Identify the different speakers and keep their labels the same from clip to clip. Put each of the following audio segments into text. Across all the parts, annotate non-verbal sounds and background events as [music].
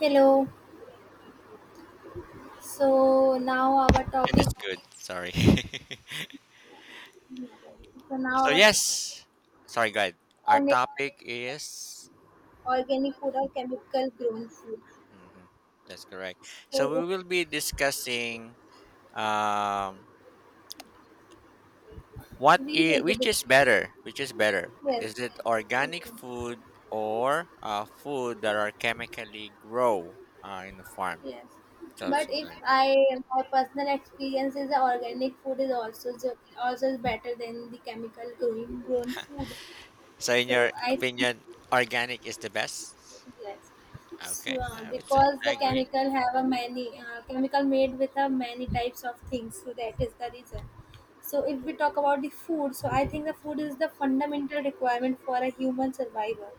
Speaker 1: Hello. So now our
Speaker 2: And
Speaker 1: topic.
Speaker 2: it's good. Sorry. [laughs]
Speaker 1: So now our topic
Speaker 2: Yes. Sorry, guys. Our
Speaker 1: on is
Speaker 2: topic is.
Speaker 1: organic food or chemical grown food.
Speaker 2: Hmm, that's correct. So we
Speaker 1: So
Speaker 2: will be discussing um what
Speaker 1: we will
Speaker 2: is
Speaker 1: be
Speaker 2: which is
Speaker 1: discussing.
Speaker 2: better? Which is better?
Speaker 1: Well,
Speaker 2: Is it organic
Speaker 1: okay,
Speaker 2: food or food that are chemically grow in the farm?
Speaker 1: Yes.
Speaker 2: So
Speaker 1: But if
Speaker 2: something like that.
Speaker 1: I My personal experience is the organic food is also better than the chemical grown food.
Speaker 2: So in
Speaker 1: So
Speaker 2: your
Speaker 1: I
Speaker 2: opinion, organic is the best?
Speaker 1: Yes,
Speaker 2: Okay,
Speaker 1: so
Speaker 2: I would say
Speaker 1: because
Speaker 2: I
Speaker 1: the
Speaker 2: agree.
Speaker 1: chemical have a many chemical made with a many types of things, so that is the reason. So if we talk about the food, so I think the food is the fundamental requirement for a human survival,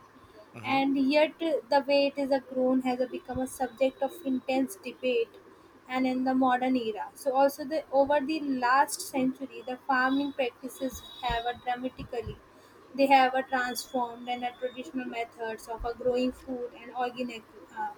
Speaker 2: Mm-hmm.
Speaker 1: and yet the way it is a grown has a become a subject of intense debate, and in the modern era. So also the over the last century the farming practices have a dramatically they have a transformed and a traditional methods of a growing food and uh,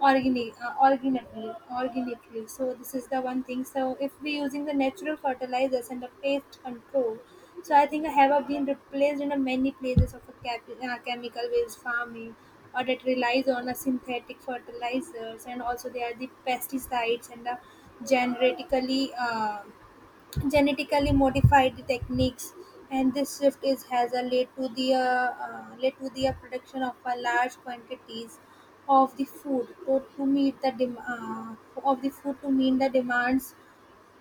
Speaker 1: organically. So this is the one thing. So if we're using the natural fertilizers and the pest control, so I think I have been replaced in a many places of chemical-based farming or that relies on a synthetic fertilizers, and also there are the pesticides and the genetically uh, genetically modified techniques, and this shift is has led to the production of a large quantities of the food to meet the dem- of the food to meet the demands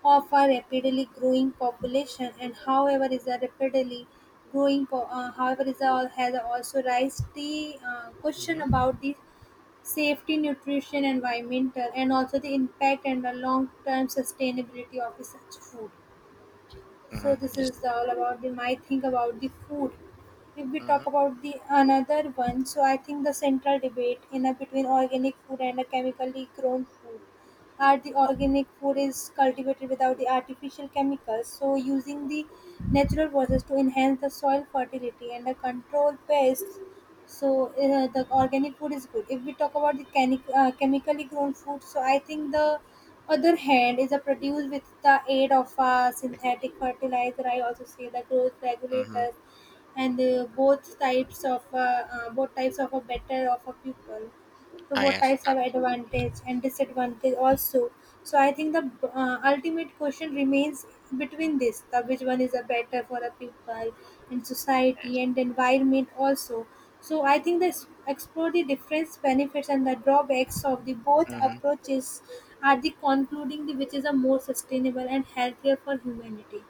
Speaker 1: of a rapidly growing population. And however is a rapidly however is a, has also raised the question
Speaker 2: Mm-hmm.
Speaker 1: about the safety, nutrition, environmental, and also the impact and the long term sustainability of the such food. So
Speaker 2: Mm-hmm.
Speaker 1: this
Speaker 2: Yes.
Speaker 1: is all about the my think about the food. If we
Speaker 2: Mm-hmm.
Speaker 1: talk about the another one, so I think the central debate in a between organic food and a chemically grown food are the organic food is cultivated without the artificial chemicals, so using the natural process to enhance the soil fertility and the control pests. So the organic food is good. If we talk about the chemically grown food, so I think the other hand is a produced with the aid of a synthetic fertilizer, I also say the growth
Speaker 2: Mm-hmm.
Speaker 1: regulators and both types of a better of a pupil,
Speaker 2: I
Speaker 1: what
Speaker 2: yes,
Speaker 1: types have advantage and disadvantage also. So I think the ultimate question remains between this the which one is a better for the people and society
Speaker 2: happiness.
Speaker 1: and environment also. So I think this explore the difference benefits and the drawbacks of the both
Speaker 2: Hmm.
Speaker 1: approaches are the concluding the which is a more sustainable and healthier for humanity.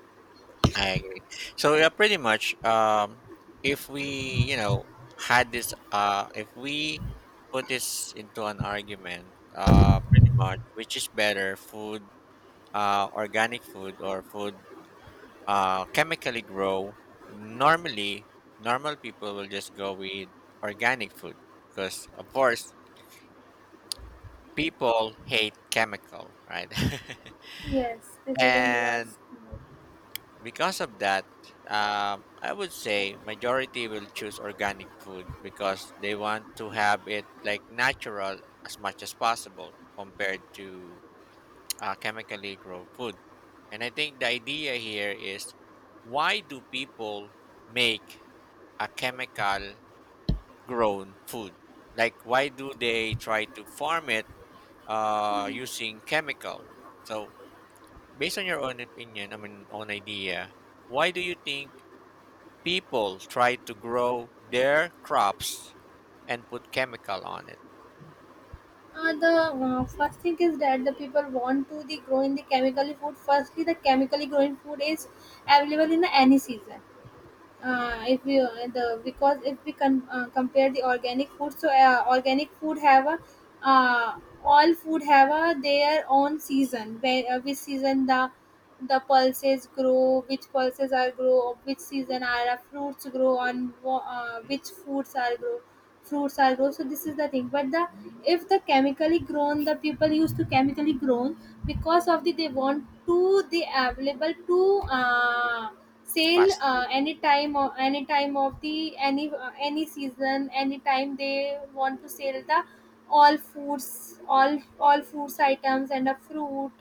Speaker 2: I agree. So yeah, pretty much. If we, you know, had this, if we put this into an argument, pretty much, which is better, food, organic food or food, chemically grow. Normally, normal people will just go with organic food because, of course, people hate chemical, right?
Speaker 1: Yes, this
Speaker 2: [laughs]
Speaker 1: is a
Speaker 2: And
Speaker 1: must.
Speaker 2: because of that, I would say majority will choose organic food because they want to have it like natural as much as possible compared to chemically grown food. And I think the idea here is why do people make a chemical grown food? Like why do they try to farm it using chemical? So based on your own opinion, I mean own idea, why do you think people try to grow their crops and put chemical on it.
Speaker 1: The First thing is that the people want to the grow in the chemically food. Firstly, the chemically growing food is available in the any season.
Speaker 2: Hmm.
Speaker 1: If we the because if we can compare the organic food, so organic food have a uh, all food have a their own season. Where Which season the pulses grow, which pulses are grow, which season are fruits grow on
Speaker 2: Hmm.
Speaker 1: which foods are grow fruits are grow. So this is the thing. But the if the chemically grown, the people used to chemically grown because of the they want to the available to sale
Speaker 2: Faster.
Speaker 1: any time or any time of the any season, any time they want to sell the all foods items and a fruit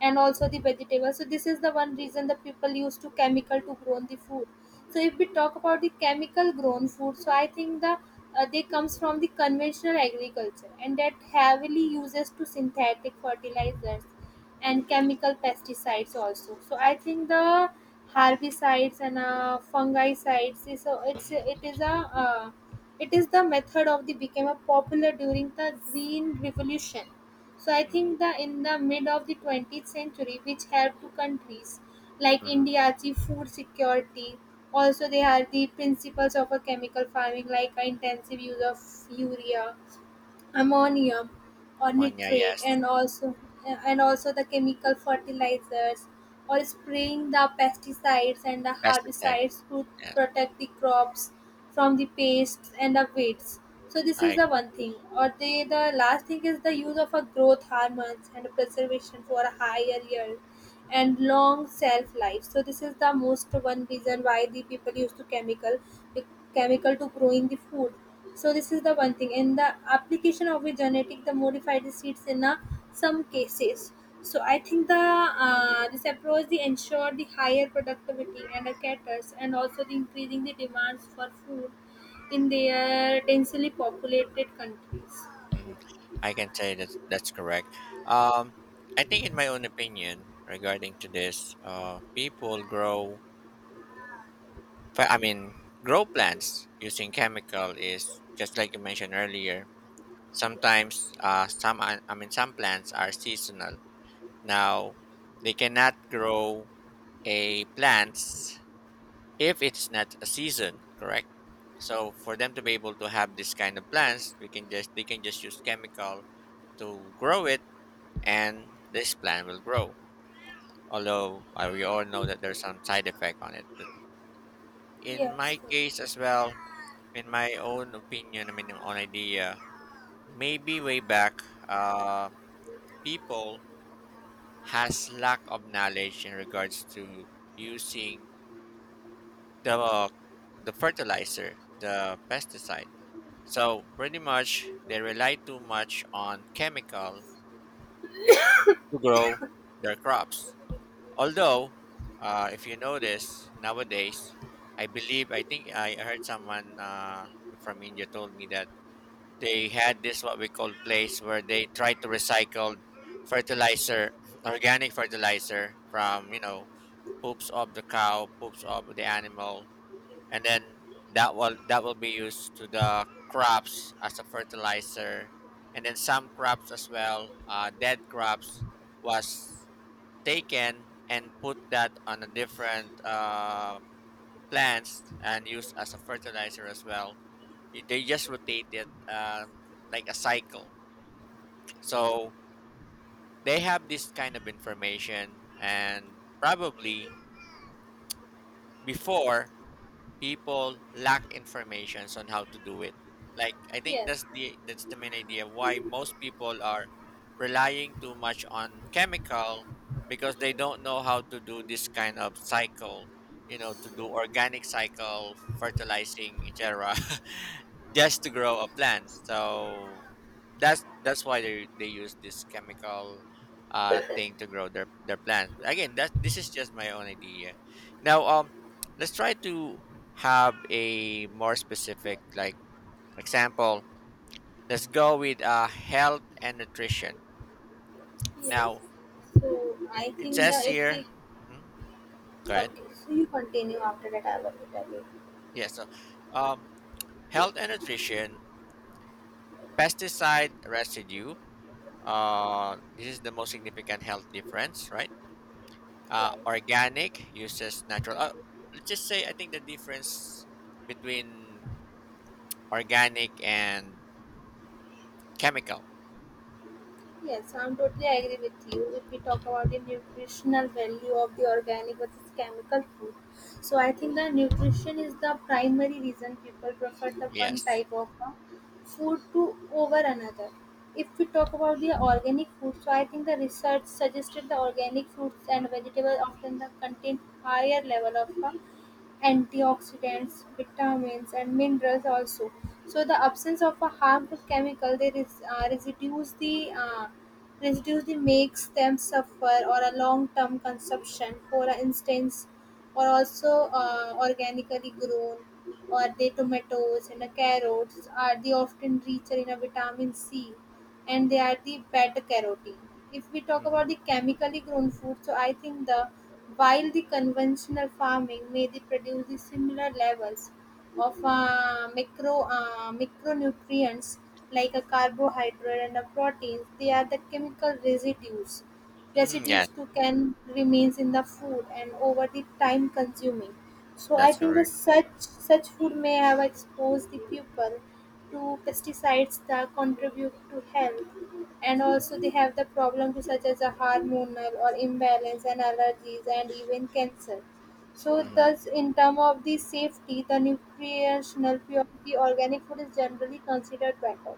Speaker 1: and also the vegetables. So this is the one reason the people used to chemical to grow the food. So if we talk about the chemical grown food, so I think the they comes from the conventional agriculture and that heavily uses to synthetic fertilizers and chemical pesticides also. So I think the herbicides and fungicides is a, it's
Speaker 2: Hmm.
Speaker 1: a uh, it is the method of the became a popular during the green revolution. So I
Speaker 2: Hmm.
Speaker 1: think the in the mid of the 20th century, which helped to countries like
Speaker 2: Hmm.
Speaker 1: India achieve food security. Also, they are the principles of a chemical farming, like intensive use of urea, ammonium, or
Speaker 2: Manya,
Speaker 1: nitrate,
Speaker 2: yes.
Speaker 1: and also the chemical fertilizers or spraying the pesticides and the
Speaker 2: Pesticide.
Speaker 1: herbicides to
Speaker 2: Yes,
Speaker 1: protect the crops from the pests and the weeds. So this is
Speaker 2: I
Speaker 1: the one thing. Or the last thing is the use of a growth hormones and preservation for a higher yield and long shelf life. So this is the most one reason why the people used to chemical the chemical to growing the food. So this is the one thing, and the application of the genetic the modified seeds in some
Speaker 2: agree.
Speaker 1: cases. So I think the this approach they ensure the higher productivity and the caters and also the increasing the demands for food in their densely populated countries.
Speaker 2: Hmm. I can say that that's correct. Um, I think, in my own opinion, regarding to this, people grow but I mean, grow plants using chemical is just like you mentioned earlier. Sometimes, some I mean, some plants are seasonal. Now, they cannot grow a plants if it's not a season, correct? So, for them to be able to have this kind of plants, we can just they can just use chemical to grow it, and this plant will grow. Although we all know that there's some side effect on it. But in
Speaker 1: Yes.
Speaker 2: my case as well, in my own opinion, I mean, own idea, maybe way back, people has lack of knowledge in regards to using the the fertilizer, the pesticide. So pretty much they rely too much on chemical to grow their crops. Although, if you notice nowadays, I think I heard someone from India told me that they had this what we call place where they try to recycle fertilizer [clears throat] organic fertilizer from you know poops of the cow poops of the animal and then that will be used to the crops as a fertilizer, and then some crops as well, dead crops was taken and put that on a different plants and used as a fertilizer as well. They just rotate it, like a cycle. So they have this kind of information, and probably before, people lack informations on how to do it. Like, I think
Speaker 1: Yes.
Speaker 2: that's the main idea why most people are relying too much on chemical because they don't know how to do this kind of cycle, you know, to do organic cycle, fertilizing, etc. [laughs] just to grow a plant. So that's why they use this chemical thing to grow their plants. Again, that this is just my own idea. Now, let's try to have a more specific like example. Let's go with health and nutrition
Speaker 1: Yes.
Speaker 2: now.
Speaker 1: So I
Speaker 2: It
Speaker 1: think
Speaker 2: says
Speaker 1: that if
Speaker 2: here,
Speaker 1: we.
Speaker 2: mhm, go ahead.
Speaker 1: Okay, so you continue, after that I will tell you.
Speaker 2: Yeah, so um health and nutrition, pesticide residue, this is the most significant health difference, right? Uh,
Speaker 1: Right.
Speaker 2: organic uses natural let's just say I think the difference between organic and chemical.
Speaker 1: Yes, I'm totally agree with you. If we talk
Speaker 2: Mhm,
Speaker 1: about the nutritional value of the organic versus chemical food, so
Speaker 2: mhm.
Speaker 1: I think the nutrition is the primary reason people prefer the one
Speaker 2: Yes.
Speaker 1: type of food to over another. If we talk about the organic food, so I think the research suggested the organic fruits
Speaker 2: Hmm.
Speaker 1: and vegetables often the contain higher level of antioxidants, vitamins, and minerals also. So the absence of a harmful chemical they res- residues the makes them suffer or a long term consumption. For instance, or also organically grown or the tomatoes and the carrots are they often richer in a vitamin C and they are the beta carotene. If we talk
Speaker 2: Hmm.
Speaker 1: about the chemically grown food, so I think the while the conventional farming may they produce the similar levels of micronutrients like a carbohydrate and a protein, they are the chemical residues
Speaker 2: Hmm.
Speaker 1: residues
Speaker 2: Yes,
Speaker 1: too can remains in the food and over the time consuming. So I
Speaker 2: that's
Speaker 1: think the
Speaker 2: correct.
Speaker 1: such food may have exposed the pupil to pesticides that contribute to health, and also they have the problems such as a hormonal or imbalance and allergies and even cancer. So
Speaker 2: Mm-hmm.
Speaker 1: thus in term of the safety, the nutritional purity, organic food is generally considered better.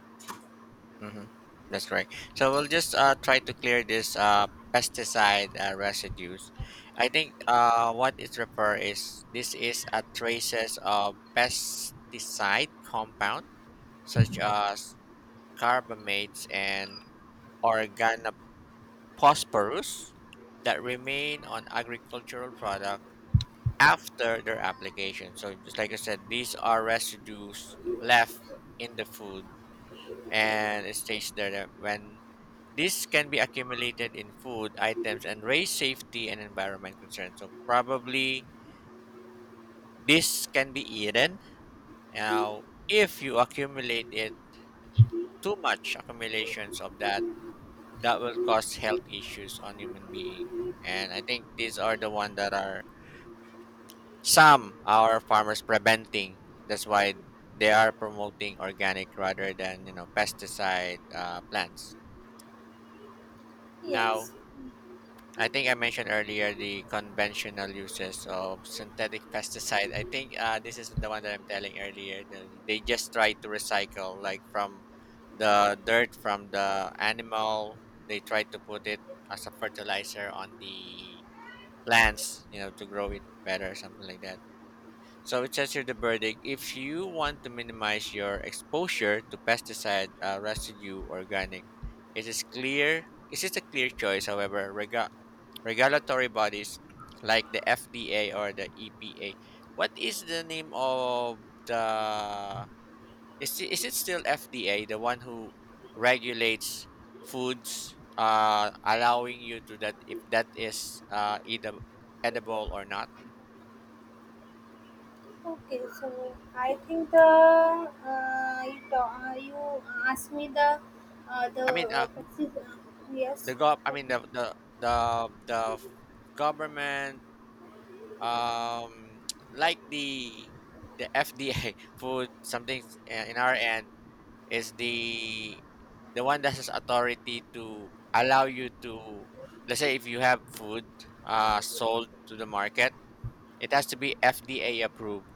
Speaker 2: Mm-hmm. That's right. So we'll just try to clear this pesticide residues. I think what it refer is this is a traces of pesticide compound such as carbamates and organophosphorus that remain on agricultural product after their application. So just like I said, these are residues left in the food, and it states there that when this can be accumulated in food items and raise safety and environment concerns. So probably this can be eaten. Now, if you accumulate it too much, accumulations of that, that will cause health issues on human being. And I think these are the one that are some our farmers preventing. That's why they are promoting organic rather than, you know, pesticide plants.
Speaker 1: Yes.
Speaker 2: Now, I think I mentioned earlier the conventional uses of synthetic pesticide. I think this is the one that I'm telling earlier. They just try to recycle, like from the dirt from the animal, they try to put it as a fertilizer on the plants, you know, to grow it better, something like that. So it says here, the verdict, if you want to minimize your exposure to pesticide residue organic, it is a clear choice. However, regulatory bodies like the FDA or the EPA. What is the name of the is it still FDA, the one who regulates foods allowing you to that if that is edible, edible or not?
Speaker 1: Okay, so I think the you asked me the uh, the
Speaker 2: I mean
Speaker 1: uh, pesti- uh, yes,
Speaker 2: the gov I
Speaker 1: tell
Speaker 2: mean
Speaker 1: me.
Speaker 2: the the f- government um [tsk] like the FDA [laughs] food something in our end is the one that has authority to allow you to, let's say, if you have food sold to the market, it has to be FDA approved.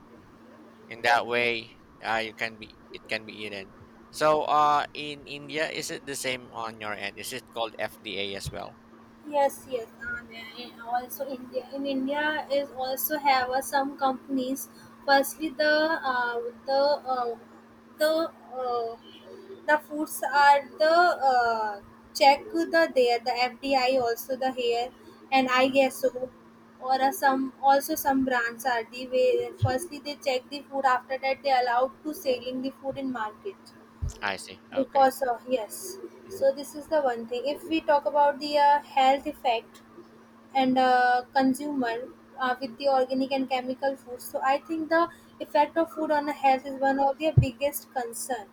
Speaker 2: In that
Speaker 1: Okay.
Speaker 2: way, you can be it can be eaten. So in India, is it the same on your end? Is it called FDA as well?
Speaker 1: Yes, yes. And also India, in India is also have some companies. Firstly, the uh, the uh, the foods are the uh, check the there the FDI also the here, and I guess
Speaker 2: Mm-hmm.
Speaker 1: so. Or some also some brands are the way firstly they check the food, after that they allowed to selling the food in market
Speaker 2: I see. Okay.
Speaker 1: because yes. So this is the one thing. If we talk about the health effect and consumer with the organic and chemical foods. So I think the effect of food on the health is one of their biggest concern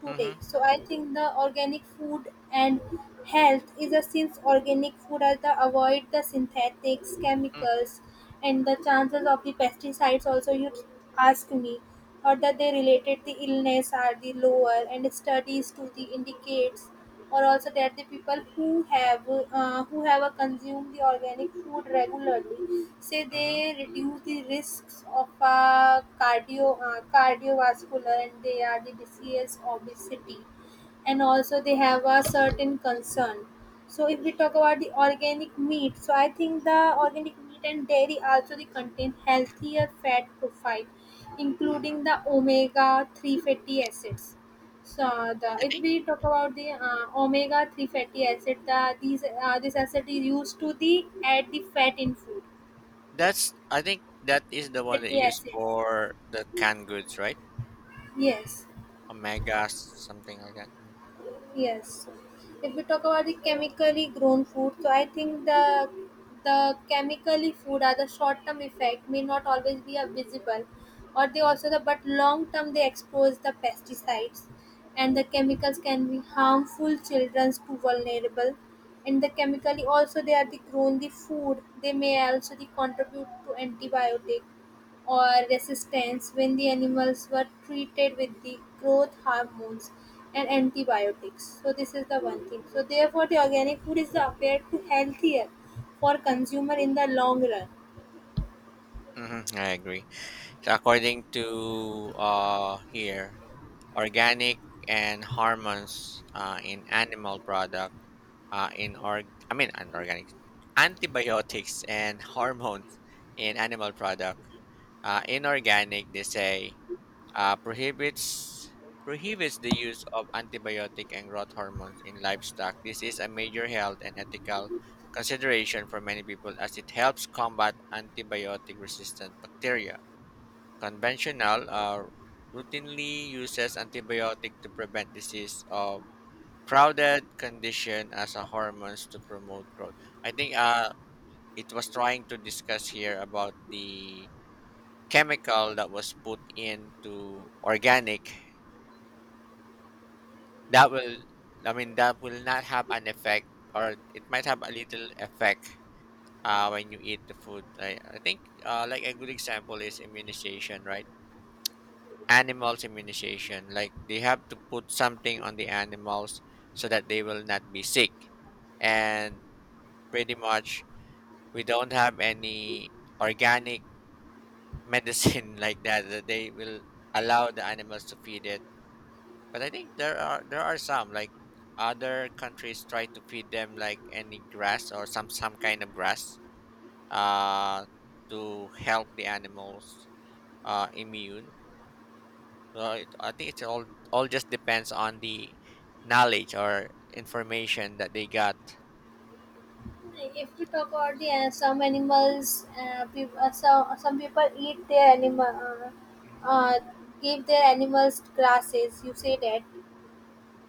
Speaker 1: today.
Speaker 2: Mm-hmm.
Speaker 1: So I think the organic food and health is a since organic food are the avoid the synthetics, chemicals, and the chances of the pesticides. Also, you ask me, or that they related the illness are the lower, and studies to the indicates or also there are the people who have consumed the organic food regularly say they
Speaker 2: Mm-hmm.
Speaker 1: reduce the risks of cardiovascular, and they are the disease obesity, and also they have a certain concern. So if we talk about the organic meat, so I think the organic meat and dairy also they contain healthier fat profile
Speaker 2: Mm-hmm.
Speaker 1: including the omega 3 fatty acids. So the,
Speaker 2: I
Speaker 1: if
Speaker 2: think
Speaker 1: we talk about the omega three fatty acid, the these this acid is used to the add the fat in food,
Speaker 2: that's. I think that is the one that
Speaker 1: fatty
Speaker 2: you use
Speaker 1: acids.
Speaker 2: for the canned goods, right?
Speaker 1: Yes.
Speaker 2: Omega, something like that.
Speaker 1: Yes. So if we talk about the chemically grown food, so I think the chemically food are the short term effect may not always be a visible or they
Speaker 2: Mm-hmm.
Speaker 1: also the but long term they expose the pesticides and the chemicals can be harmful children's to vulnerable, and the chemically also they are the grown the food they may also the contribute to antibiotic or resistance when the animals were treated with the growth hormones and antibiotics. So this is the one thing. So therefore the organic food is appeared to healthier for consumer in the long run.
Speaker 2: Mm-hmm. I agree. So according to here, organic and hormones in animal product in org. I mean, organic antibiotics and [laughs] hormones in animal product. Inorganic, they say uh, prohibits prohibits the use of antibiotic and growth hormones in livestock. This is a major health and ethical consideration for many people as it helps combat antibiotic resistant bacteria. Conventional routinely uses antibiotic to prevent disease of crowded condition as a hormones to promote growth. I think it was trying to discuss here about the chemical that was put into organic. That will, I mean, that will not have an effect, or it might have a little effect when you eat the food. I think, like a good example is immunization, right? Animals immunization, like they have to put something on the animals so that they will not be sick. And pretty much, we don't have any organic medicine [laughs] like that, that they will allow the animals to feed it. But I think there are some like other countries try to feed them like any grass or some kind of grass uh to help the animals immune. So it, I think it's all just depends on the knowledge or information that they got.
Speaker 1: If we talk about the some animals, peop so, some people eat their animal,
Speaker 2: Hmm.
Speaker 1: uh, give their animals grasses. You say that,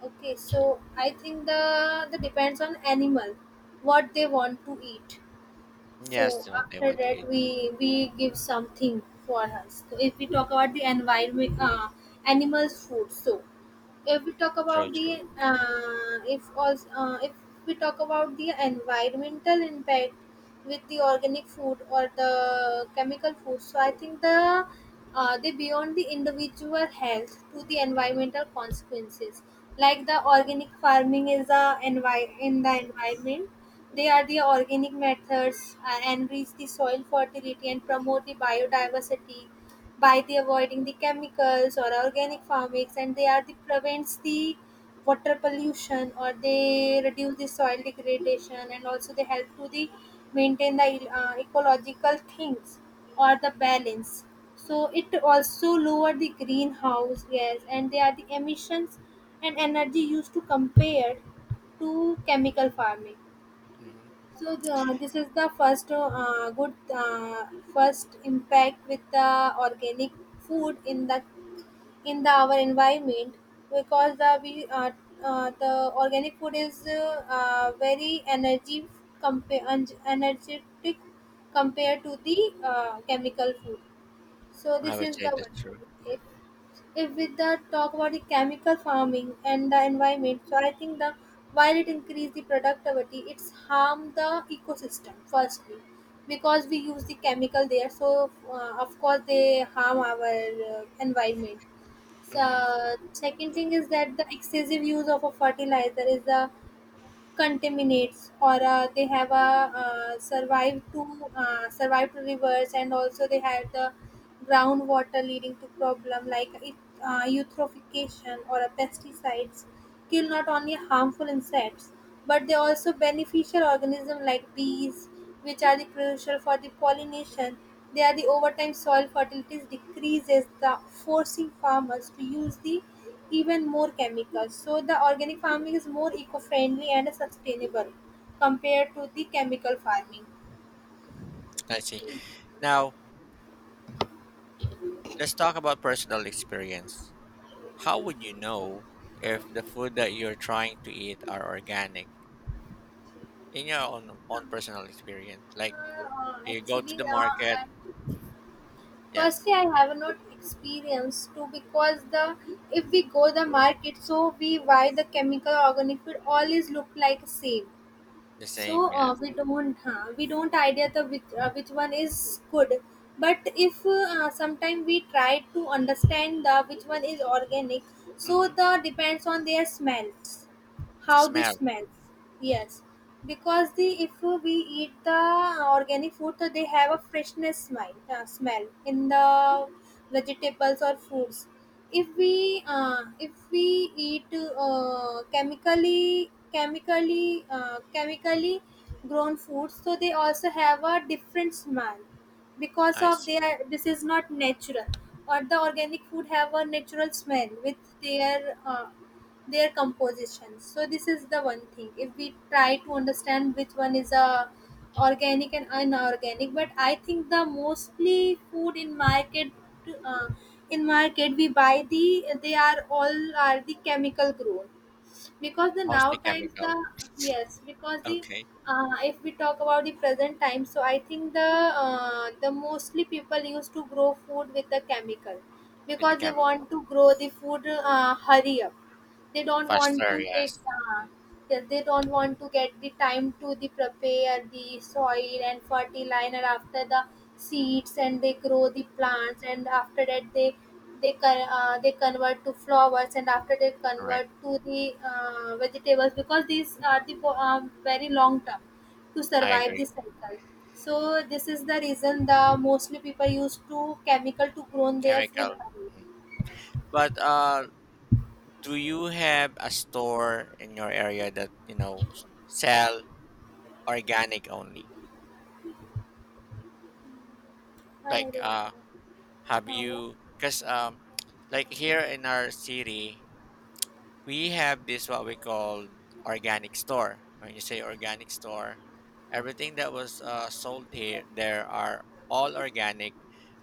Speaker 1: okay? So I think the depends on animal, what they want to eat. So
Speaker 2: Yes, to what they
Speaker 1: after
Speaker 2: want to
Speaker 1: that,
Speaker 2: eat.
Speaker 1: we give something for us. So if we talk about the environment, animals' food. So if we talk
Speaker 2: True,
Speaker 1: about the
Speaker 2: true.
Speaker 1: if we talk about the environmental impact with the organic food or the chemical food, so I think they beyond the individual health to the
Speaker 2: Hmm.
Speaker 1: environmental consequences. Like the organic farming is in the
Speaker 2: Hmm.
Speaker 1: environment, they are the organic methods enrich the soil fertility and promote the biodiversity by the avoiding the chemicals or organic farmings, and they are the prevents the water pollution or they reduce the soil degradation and also they help to the maintain the ecological things or the balance, so it also lower the greenhouse gas and they are the emissions and energy used to compare to chemical farming.
Speaker 2: Hmm.
Speaker 1: So this is the first good, first impact with the organic food in the our environment. Because the organic food is very energy energetic compared to the chemical food. So
Speaker 2: I
Speaker 1: this
Speaker 2: would
Speaker 1: is the
Speaker 2: say that's
Speaker 1: one.
Speaker 2: true.
Speaker 1: if, if we the talk about the chemical farming and the environment, so I think the while it increase the productivity, it's harm the ecosystem firstly, because we use the chemical there, so of course they harm our environment. So
Speaker 2: Hmm.
Speaker 1: second thing is that the excessive use of a fertilizer is the contaminates, or they have a, uh, survived to survived to rivers, and also they have the groundwater, leading to problem like eutrophication. Or a pesticides kill not only harmful insects but they also beneficial organisms like bees, which are the crucial for the pollination. They are the overtime soil fertilities decreases the, forcing farmers to use the even more chemicals. So the organic farming is more eco-friendly and sustainable compared to the chemical farming.
Speaker 2: I see. Now let's talk about personal experience. How would you know if the food that you're trying to eat are organic in your own own personal experience? Like, you go to the market,
Speaker 1: I-
Speaker 2: yes,
Speaker 1: firstly, I have not experienced too, because the if we go the market, so we buy the chemical organic food, always look like same.
Speaker 2: the
Speaker 1: So
Speaker 2: same, yes.
Speaker 1: we don't have, we don't idea the which one is good. But if sometime we try to understand the which one is organic, so
Speaker 2: Hmm.
Speaker 1: the depends on their smells. How this
Speaker 2: Smell,
Speaker 1: smells? Yes, because the if we eat the organic food, so they have a freshness smell, smell in the vegetables or fruits. If we eat chemically grown foods, so they also have a different smell, because
Speaker 2: I
Speaker 1: of
Speaker 2: see.
Speaker 1: their this is not natural. Or the organic food have a natural smell with their uh, their composition. So this is the one thing, if we try to understand which one is a organic and inorganic. But
Speaker 2: Mm.
Speaker 1: I think the mostly food in market, uh, in market we buy, the they are all are the chemical grown, because the now
Speaker 2: Mostly
Speaker 1: times the,
Speaker 2: chemical.
Speaker 1: yes, because the
Speaker 2: Okay,
Speaker 1: if we talk about the present time, so I think the mostly people used to grow food with the chemical,
Speaker 2: with the
Speaker 1: because they
Speaker 2: chemical.
Speaker 1: want to grow the food hurry up. They don't want to
Speaker 2: Faster,
Speaker 1: take
Speaker 2: yes. Mm.
Speaker 1: they don't want to get the time to the prepare the soil and fertilizer, after the seeds, and they grow the plants, and after that they they convert to flowers, and after they
Speaker 2: Correct.
Speaker 1: convert to the vegetables, because these are
Speaker 2: Hmm.
Speaker 1: the very long term to
Speaker 2: I
Speaker 1: survive
Speaker 2: agree.
Speaker 1: this cycle. So this is the reason the mostly people use to chemical to grow their food.
Speaker 2: Chemical. Mm. But do you have a store in your area that you know sell organic only?
Speaker 1: I don't
Speaker 2: Like
Speaker 1: know.
Speaker 2: have
Speaker 1: Now what?
Speaker 2: you? Because [tsk] like here in our city, we have this what we call organic store. When you say organic store, everything that was sold here, there are all organic.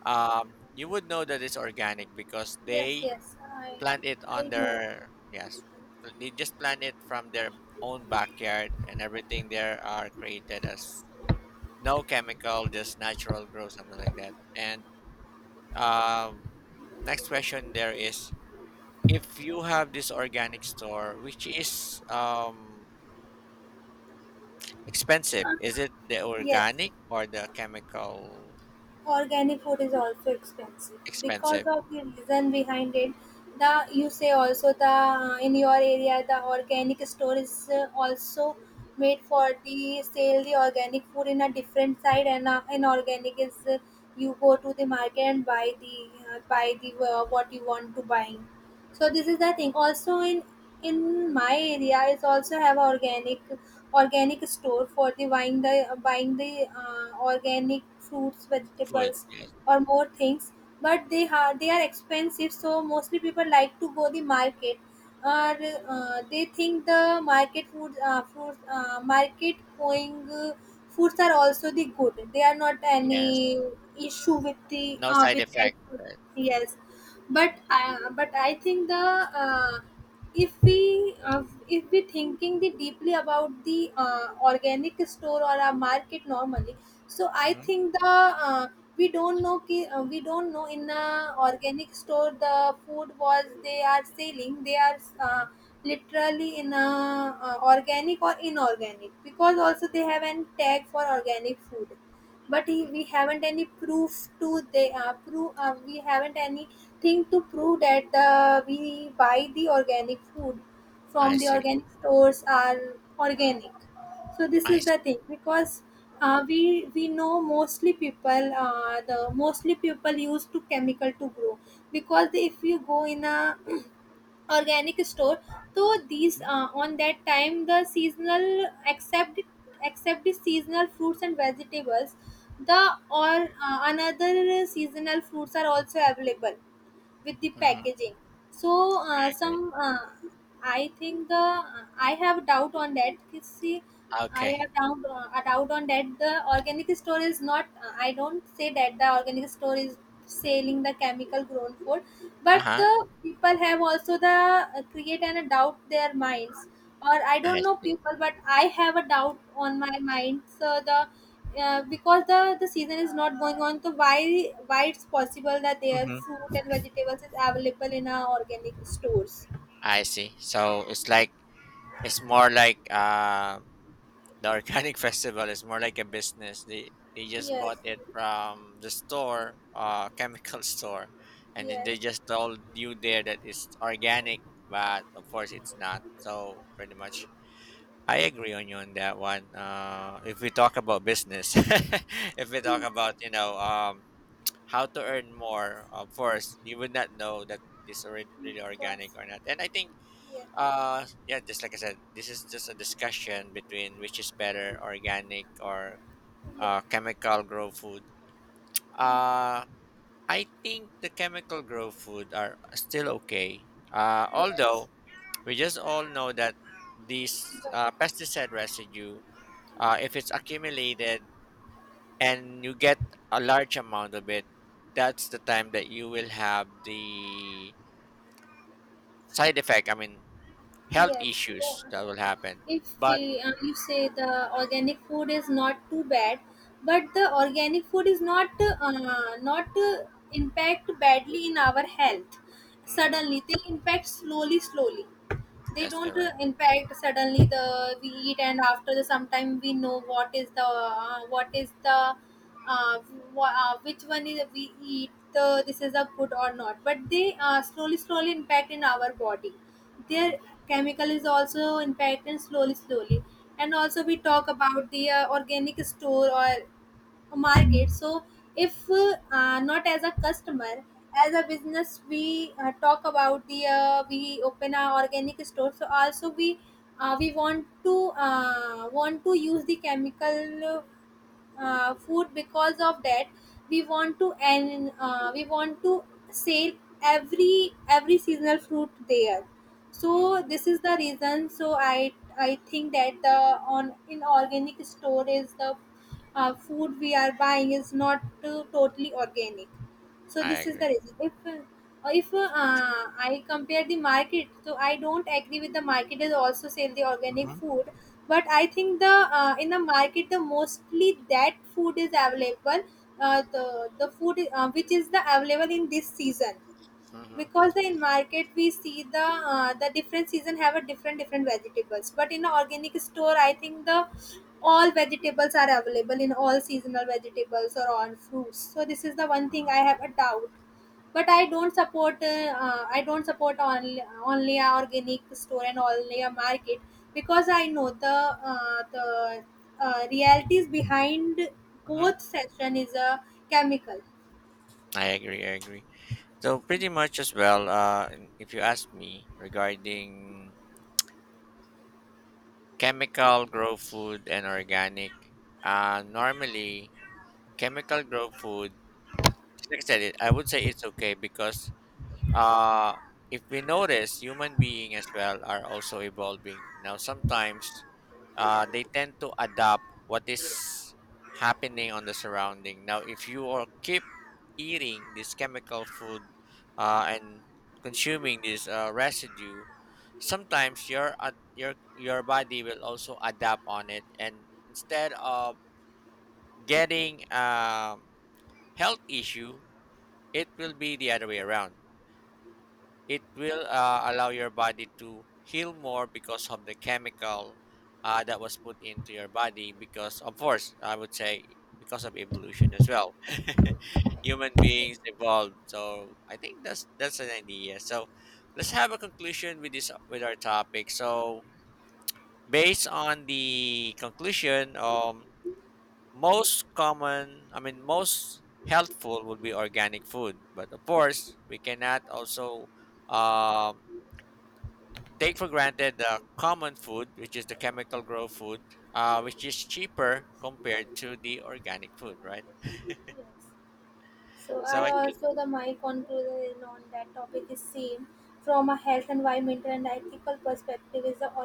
Speaker 2: You would know that it's organic because
Speaker 1: Yes,
Speaker 2: they
Speaker 1: yes,
Speaker 2: plant it on
Speaker 1: I know.
Speaker 2: their yes, they just plant it from their own backyard, and everything there are created as no chemical, just natural growth, something like that, and um, next question there is if you have this organic store, which is expensive, is it the
Speaker 1: Yes,
Speaker 2: organic or the chemical
Speaker 1: organic food is also expensive, because
Speaker 2: expensive?
Speaker 1: of the reason
Speaker 2: Mhm.
Speaker 1: behind it. The you say also the, in your area the organic store is also made for the sale the organic food in a different side, and inorganic is, you go to the market and buy the buy the, what you want to buy. So this
Speaker 2: Mm,
Speaker 1: is the thing, also in my area is also have organic, organic store for the buying the buying the organic fruits,
Speaker 2: food?
Speaker 1: vegetables,
Speaker 2: Yes.
Speaker 1: or
Speaker 2: Mhm.
Speaker 1: more things. But they are, they are expensive, so mostly people like to go the market, or they think the market food, fruit market going, foods are also the good, they are not
Speaker 2: Yes.
Speaker 1: any issue with the,
Speaker 2: No side
Speaker 1: with that
Speaker 2: effect.
Speaker 1: food.
Speaker 2: Right.
Speaker 1: Yes,
Speaker 2: Mm-hmm.
Speaker 1: but I think the uh, if we uh, if we thinking the deeply about the, organic store or a market normally, so I think the uh, we don't know we don't know in a organic store the food was they are selling, they are
Speaker 2: Hmm.
Speaker 1: literally in a organic or inorganic, because also they have an tag for organic food. But we haven't any proof to they prove, we haven't anything to prove that the we buy the organic food from
Speaker 2: I
Speaker 1: the
Speaker 2: see.
Speaker 1: organic stores are organic. So this
Speaker 2: I
Speaker 1: is the
Speaker 2: see.
Speaker 1: thing, because we know mostly people, the mostly people use to chemical to grow. Because if you go in a organic store, so these
Speaker 2: Mm-hmm.
Speaker 1: on that time the seasonal, except, except the seasonal fruits and vegetables, the or another seasonal fruits are also available with the
Speaker 2: Mm-hmm. I
Speaker 1: packaging. So
Speaker 2: agree.
Speaker 1: some I think the I have doubt on that. See, I
Speaker 2: Okay.
Speaker 1: have
Speaker 2: [laughs]
Speaker 1: doubt, a doubt on that, the organic store is not, I don't say that the organic store is selling the chemical grown food,
Speaker 2: Uh
Speaker 1: but
Speaker 2: huh.
Speaker 1: the people have also the create and a doubt their minds. Or I don't
Speaker 2: I
Speaker 1: know
Speaker 2: see.
Speaker 1: people, but I have a doubt on my mind. So the because the season is not going on, so why it's possible that their
Speaker 2: Mm-hmm.
Speaker 1: fruit and vegetables is available in our organic stores.
Speaker 2: I see. So it's like it's more like the organic [laughs] festival is more like a business. They just bought
Speaker 1: Yes,
Speaker 2: it from the store, chemical [laughs] store, and then
Speaker 1: yes.
Speaker 2: they just told you there that it's organic, but of course it's not. So pretty much, I agree on you on that one. If we talk about business, [laughs] if we talk
Speaker 1: Hmm.
Speaker 2: about you know how to earn more, of
Speaker 1: Yes.
Speaker 2: course you would not know that it's already
Speaker 1: Hmm.
Speaker 2: really organic
Speaker 1: Because,
Speaker 2: or not. And I think
Speaker 1: yes,
Speaker 2: yeah, just like I said, this is just a discussion between which is better, organic or
Speaker 1: yes.
Speaker 2: chemical grow food.
Speaker 1: Hmm.
Speaker 2: Uh, I think the chemical grow food are still okay.
Speaker 1: Yes,
Speaker 2: Although we just all know that these
Speaker 1: but,
Speaker 2: pesticide residue, if it's accumulated and you get a large amount of it, that's the time that you will have the side effect. I mean, health
Speaker 1: yes, yeah.
Speaker 2: issues that will happen.
Speaker 1: If
Speaker 2: But
Speaker 1: we, you say the organic food is not too bad, but the organic food is not impact badly in our health.
Speaker 2: mhm.
Speaker 1: Suddenly, they impact slowly, slowly. They
Speaker 2: That's
Speaker 1: don't
Speaker 2: correct.
Speaker 1: impact suddenly. The we eat, and after the sometime we know what is the, what is the, uh, which one is we eat, the this is a good or not. But they slowly, slowly impact in our body, their
Speaker 2: Mm-hmm.
Speaker 1: chemical is also impacting slowly, slowly. And also we talk about the organic store or market. So if not as a customer, as a business, we talk about the, we open our organic store, so also we want to use the chemical, food, because of that, we want to, and we want to sell every seasonal fruit there.
Speaker 2: Mm-hmm.
Speaker 1: So this is the reason, so I think that the, on in organic store is the, food we are buying is not totally organic. So
Speaker 2: I
Speaker 1: this is the
Speaker 2: agree.
Speaker 1: reason if I compare the market, so I don't agree with the market is also sell the organic
Speaker 2: Mm-hmm.
Speaker 1: food. But I think the in the market the mostly that food is available, the food, which is the available in this season.
Speaker 2: Mm-hmm.
Speaker 1: Because the in market, we see the different season have a different, different vegetables. But in organic store I think the all vegetables are available, in all seasonal vegetables or all fruits. So this is the one thing
Speaker 2: Mm-hmm.
Speaker 1: I have a doubt. But I don't support, I don't support only, only a organic store and only a market. Because I know the uh, the realities behind
Speaker 2: Hmm.
Speaker 1: both section is a chemical.
Speaker 2: I agree. I agree. So pretty much as well. If you ask me regarding chemical grow food and organic, normally chemical grow food. Like I said, I would say it's okay because uh, if we notice, human beings as well are also evolving. Now, sometimes they tend to adapt what is happening on the surrounding. Now, if you are keep eating this chemical food and consuming this residue, sometimes your body will also adapt on it, and instead of getting health issue, it will be the other way around. It will allow your body to heal more because of the chemical that was put into your body because of course I would say because of evolution as well, [laughs] human beings evolved. So I think that's an idea. So let's have a conclusion with this with our topic. So based on the conclusion, most common I mean most healthful would be organic food, but of course we cannot also um take for granted the common food, which is the chemical grow food, which is cheaper compared to the organic food, right?
Speaker 1: So
Speaker 2: So
Speaker 1: I
Speaker 2: I think
Speaker 1: also the my conclusion on that topic is same, from a health, environmental, and ethical perspective is the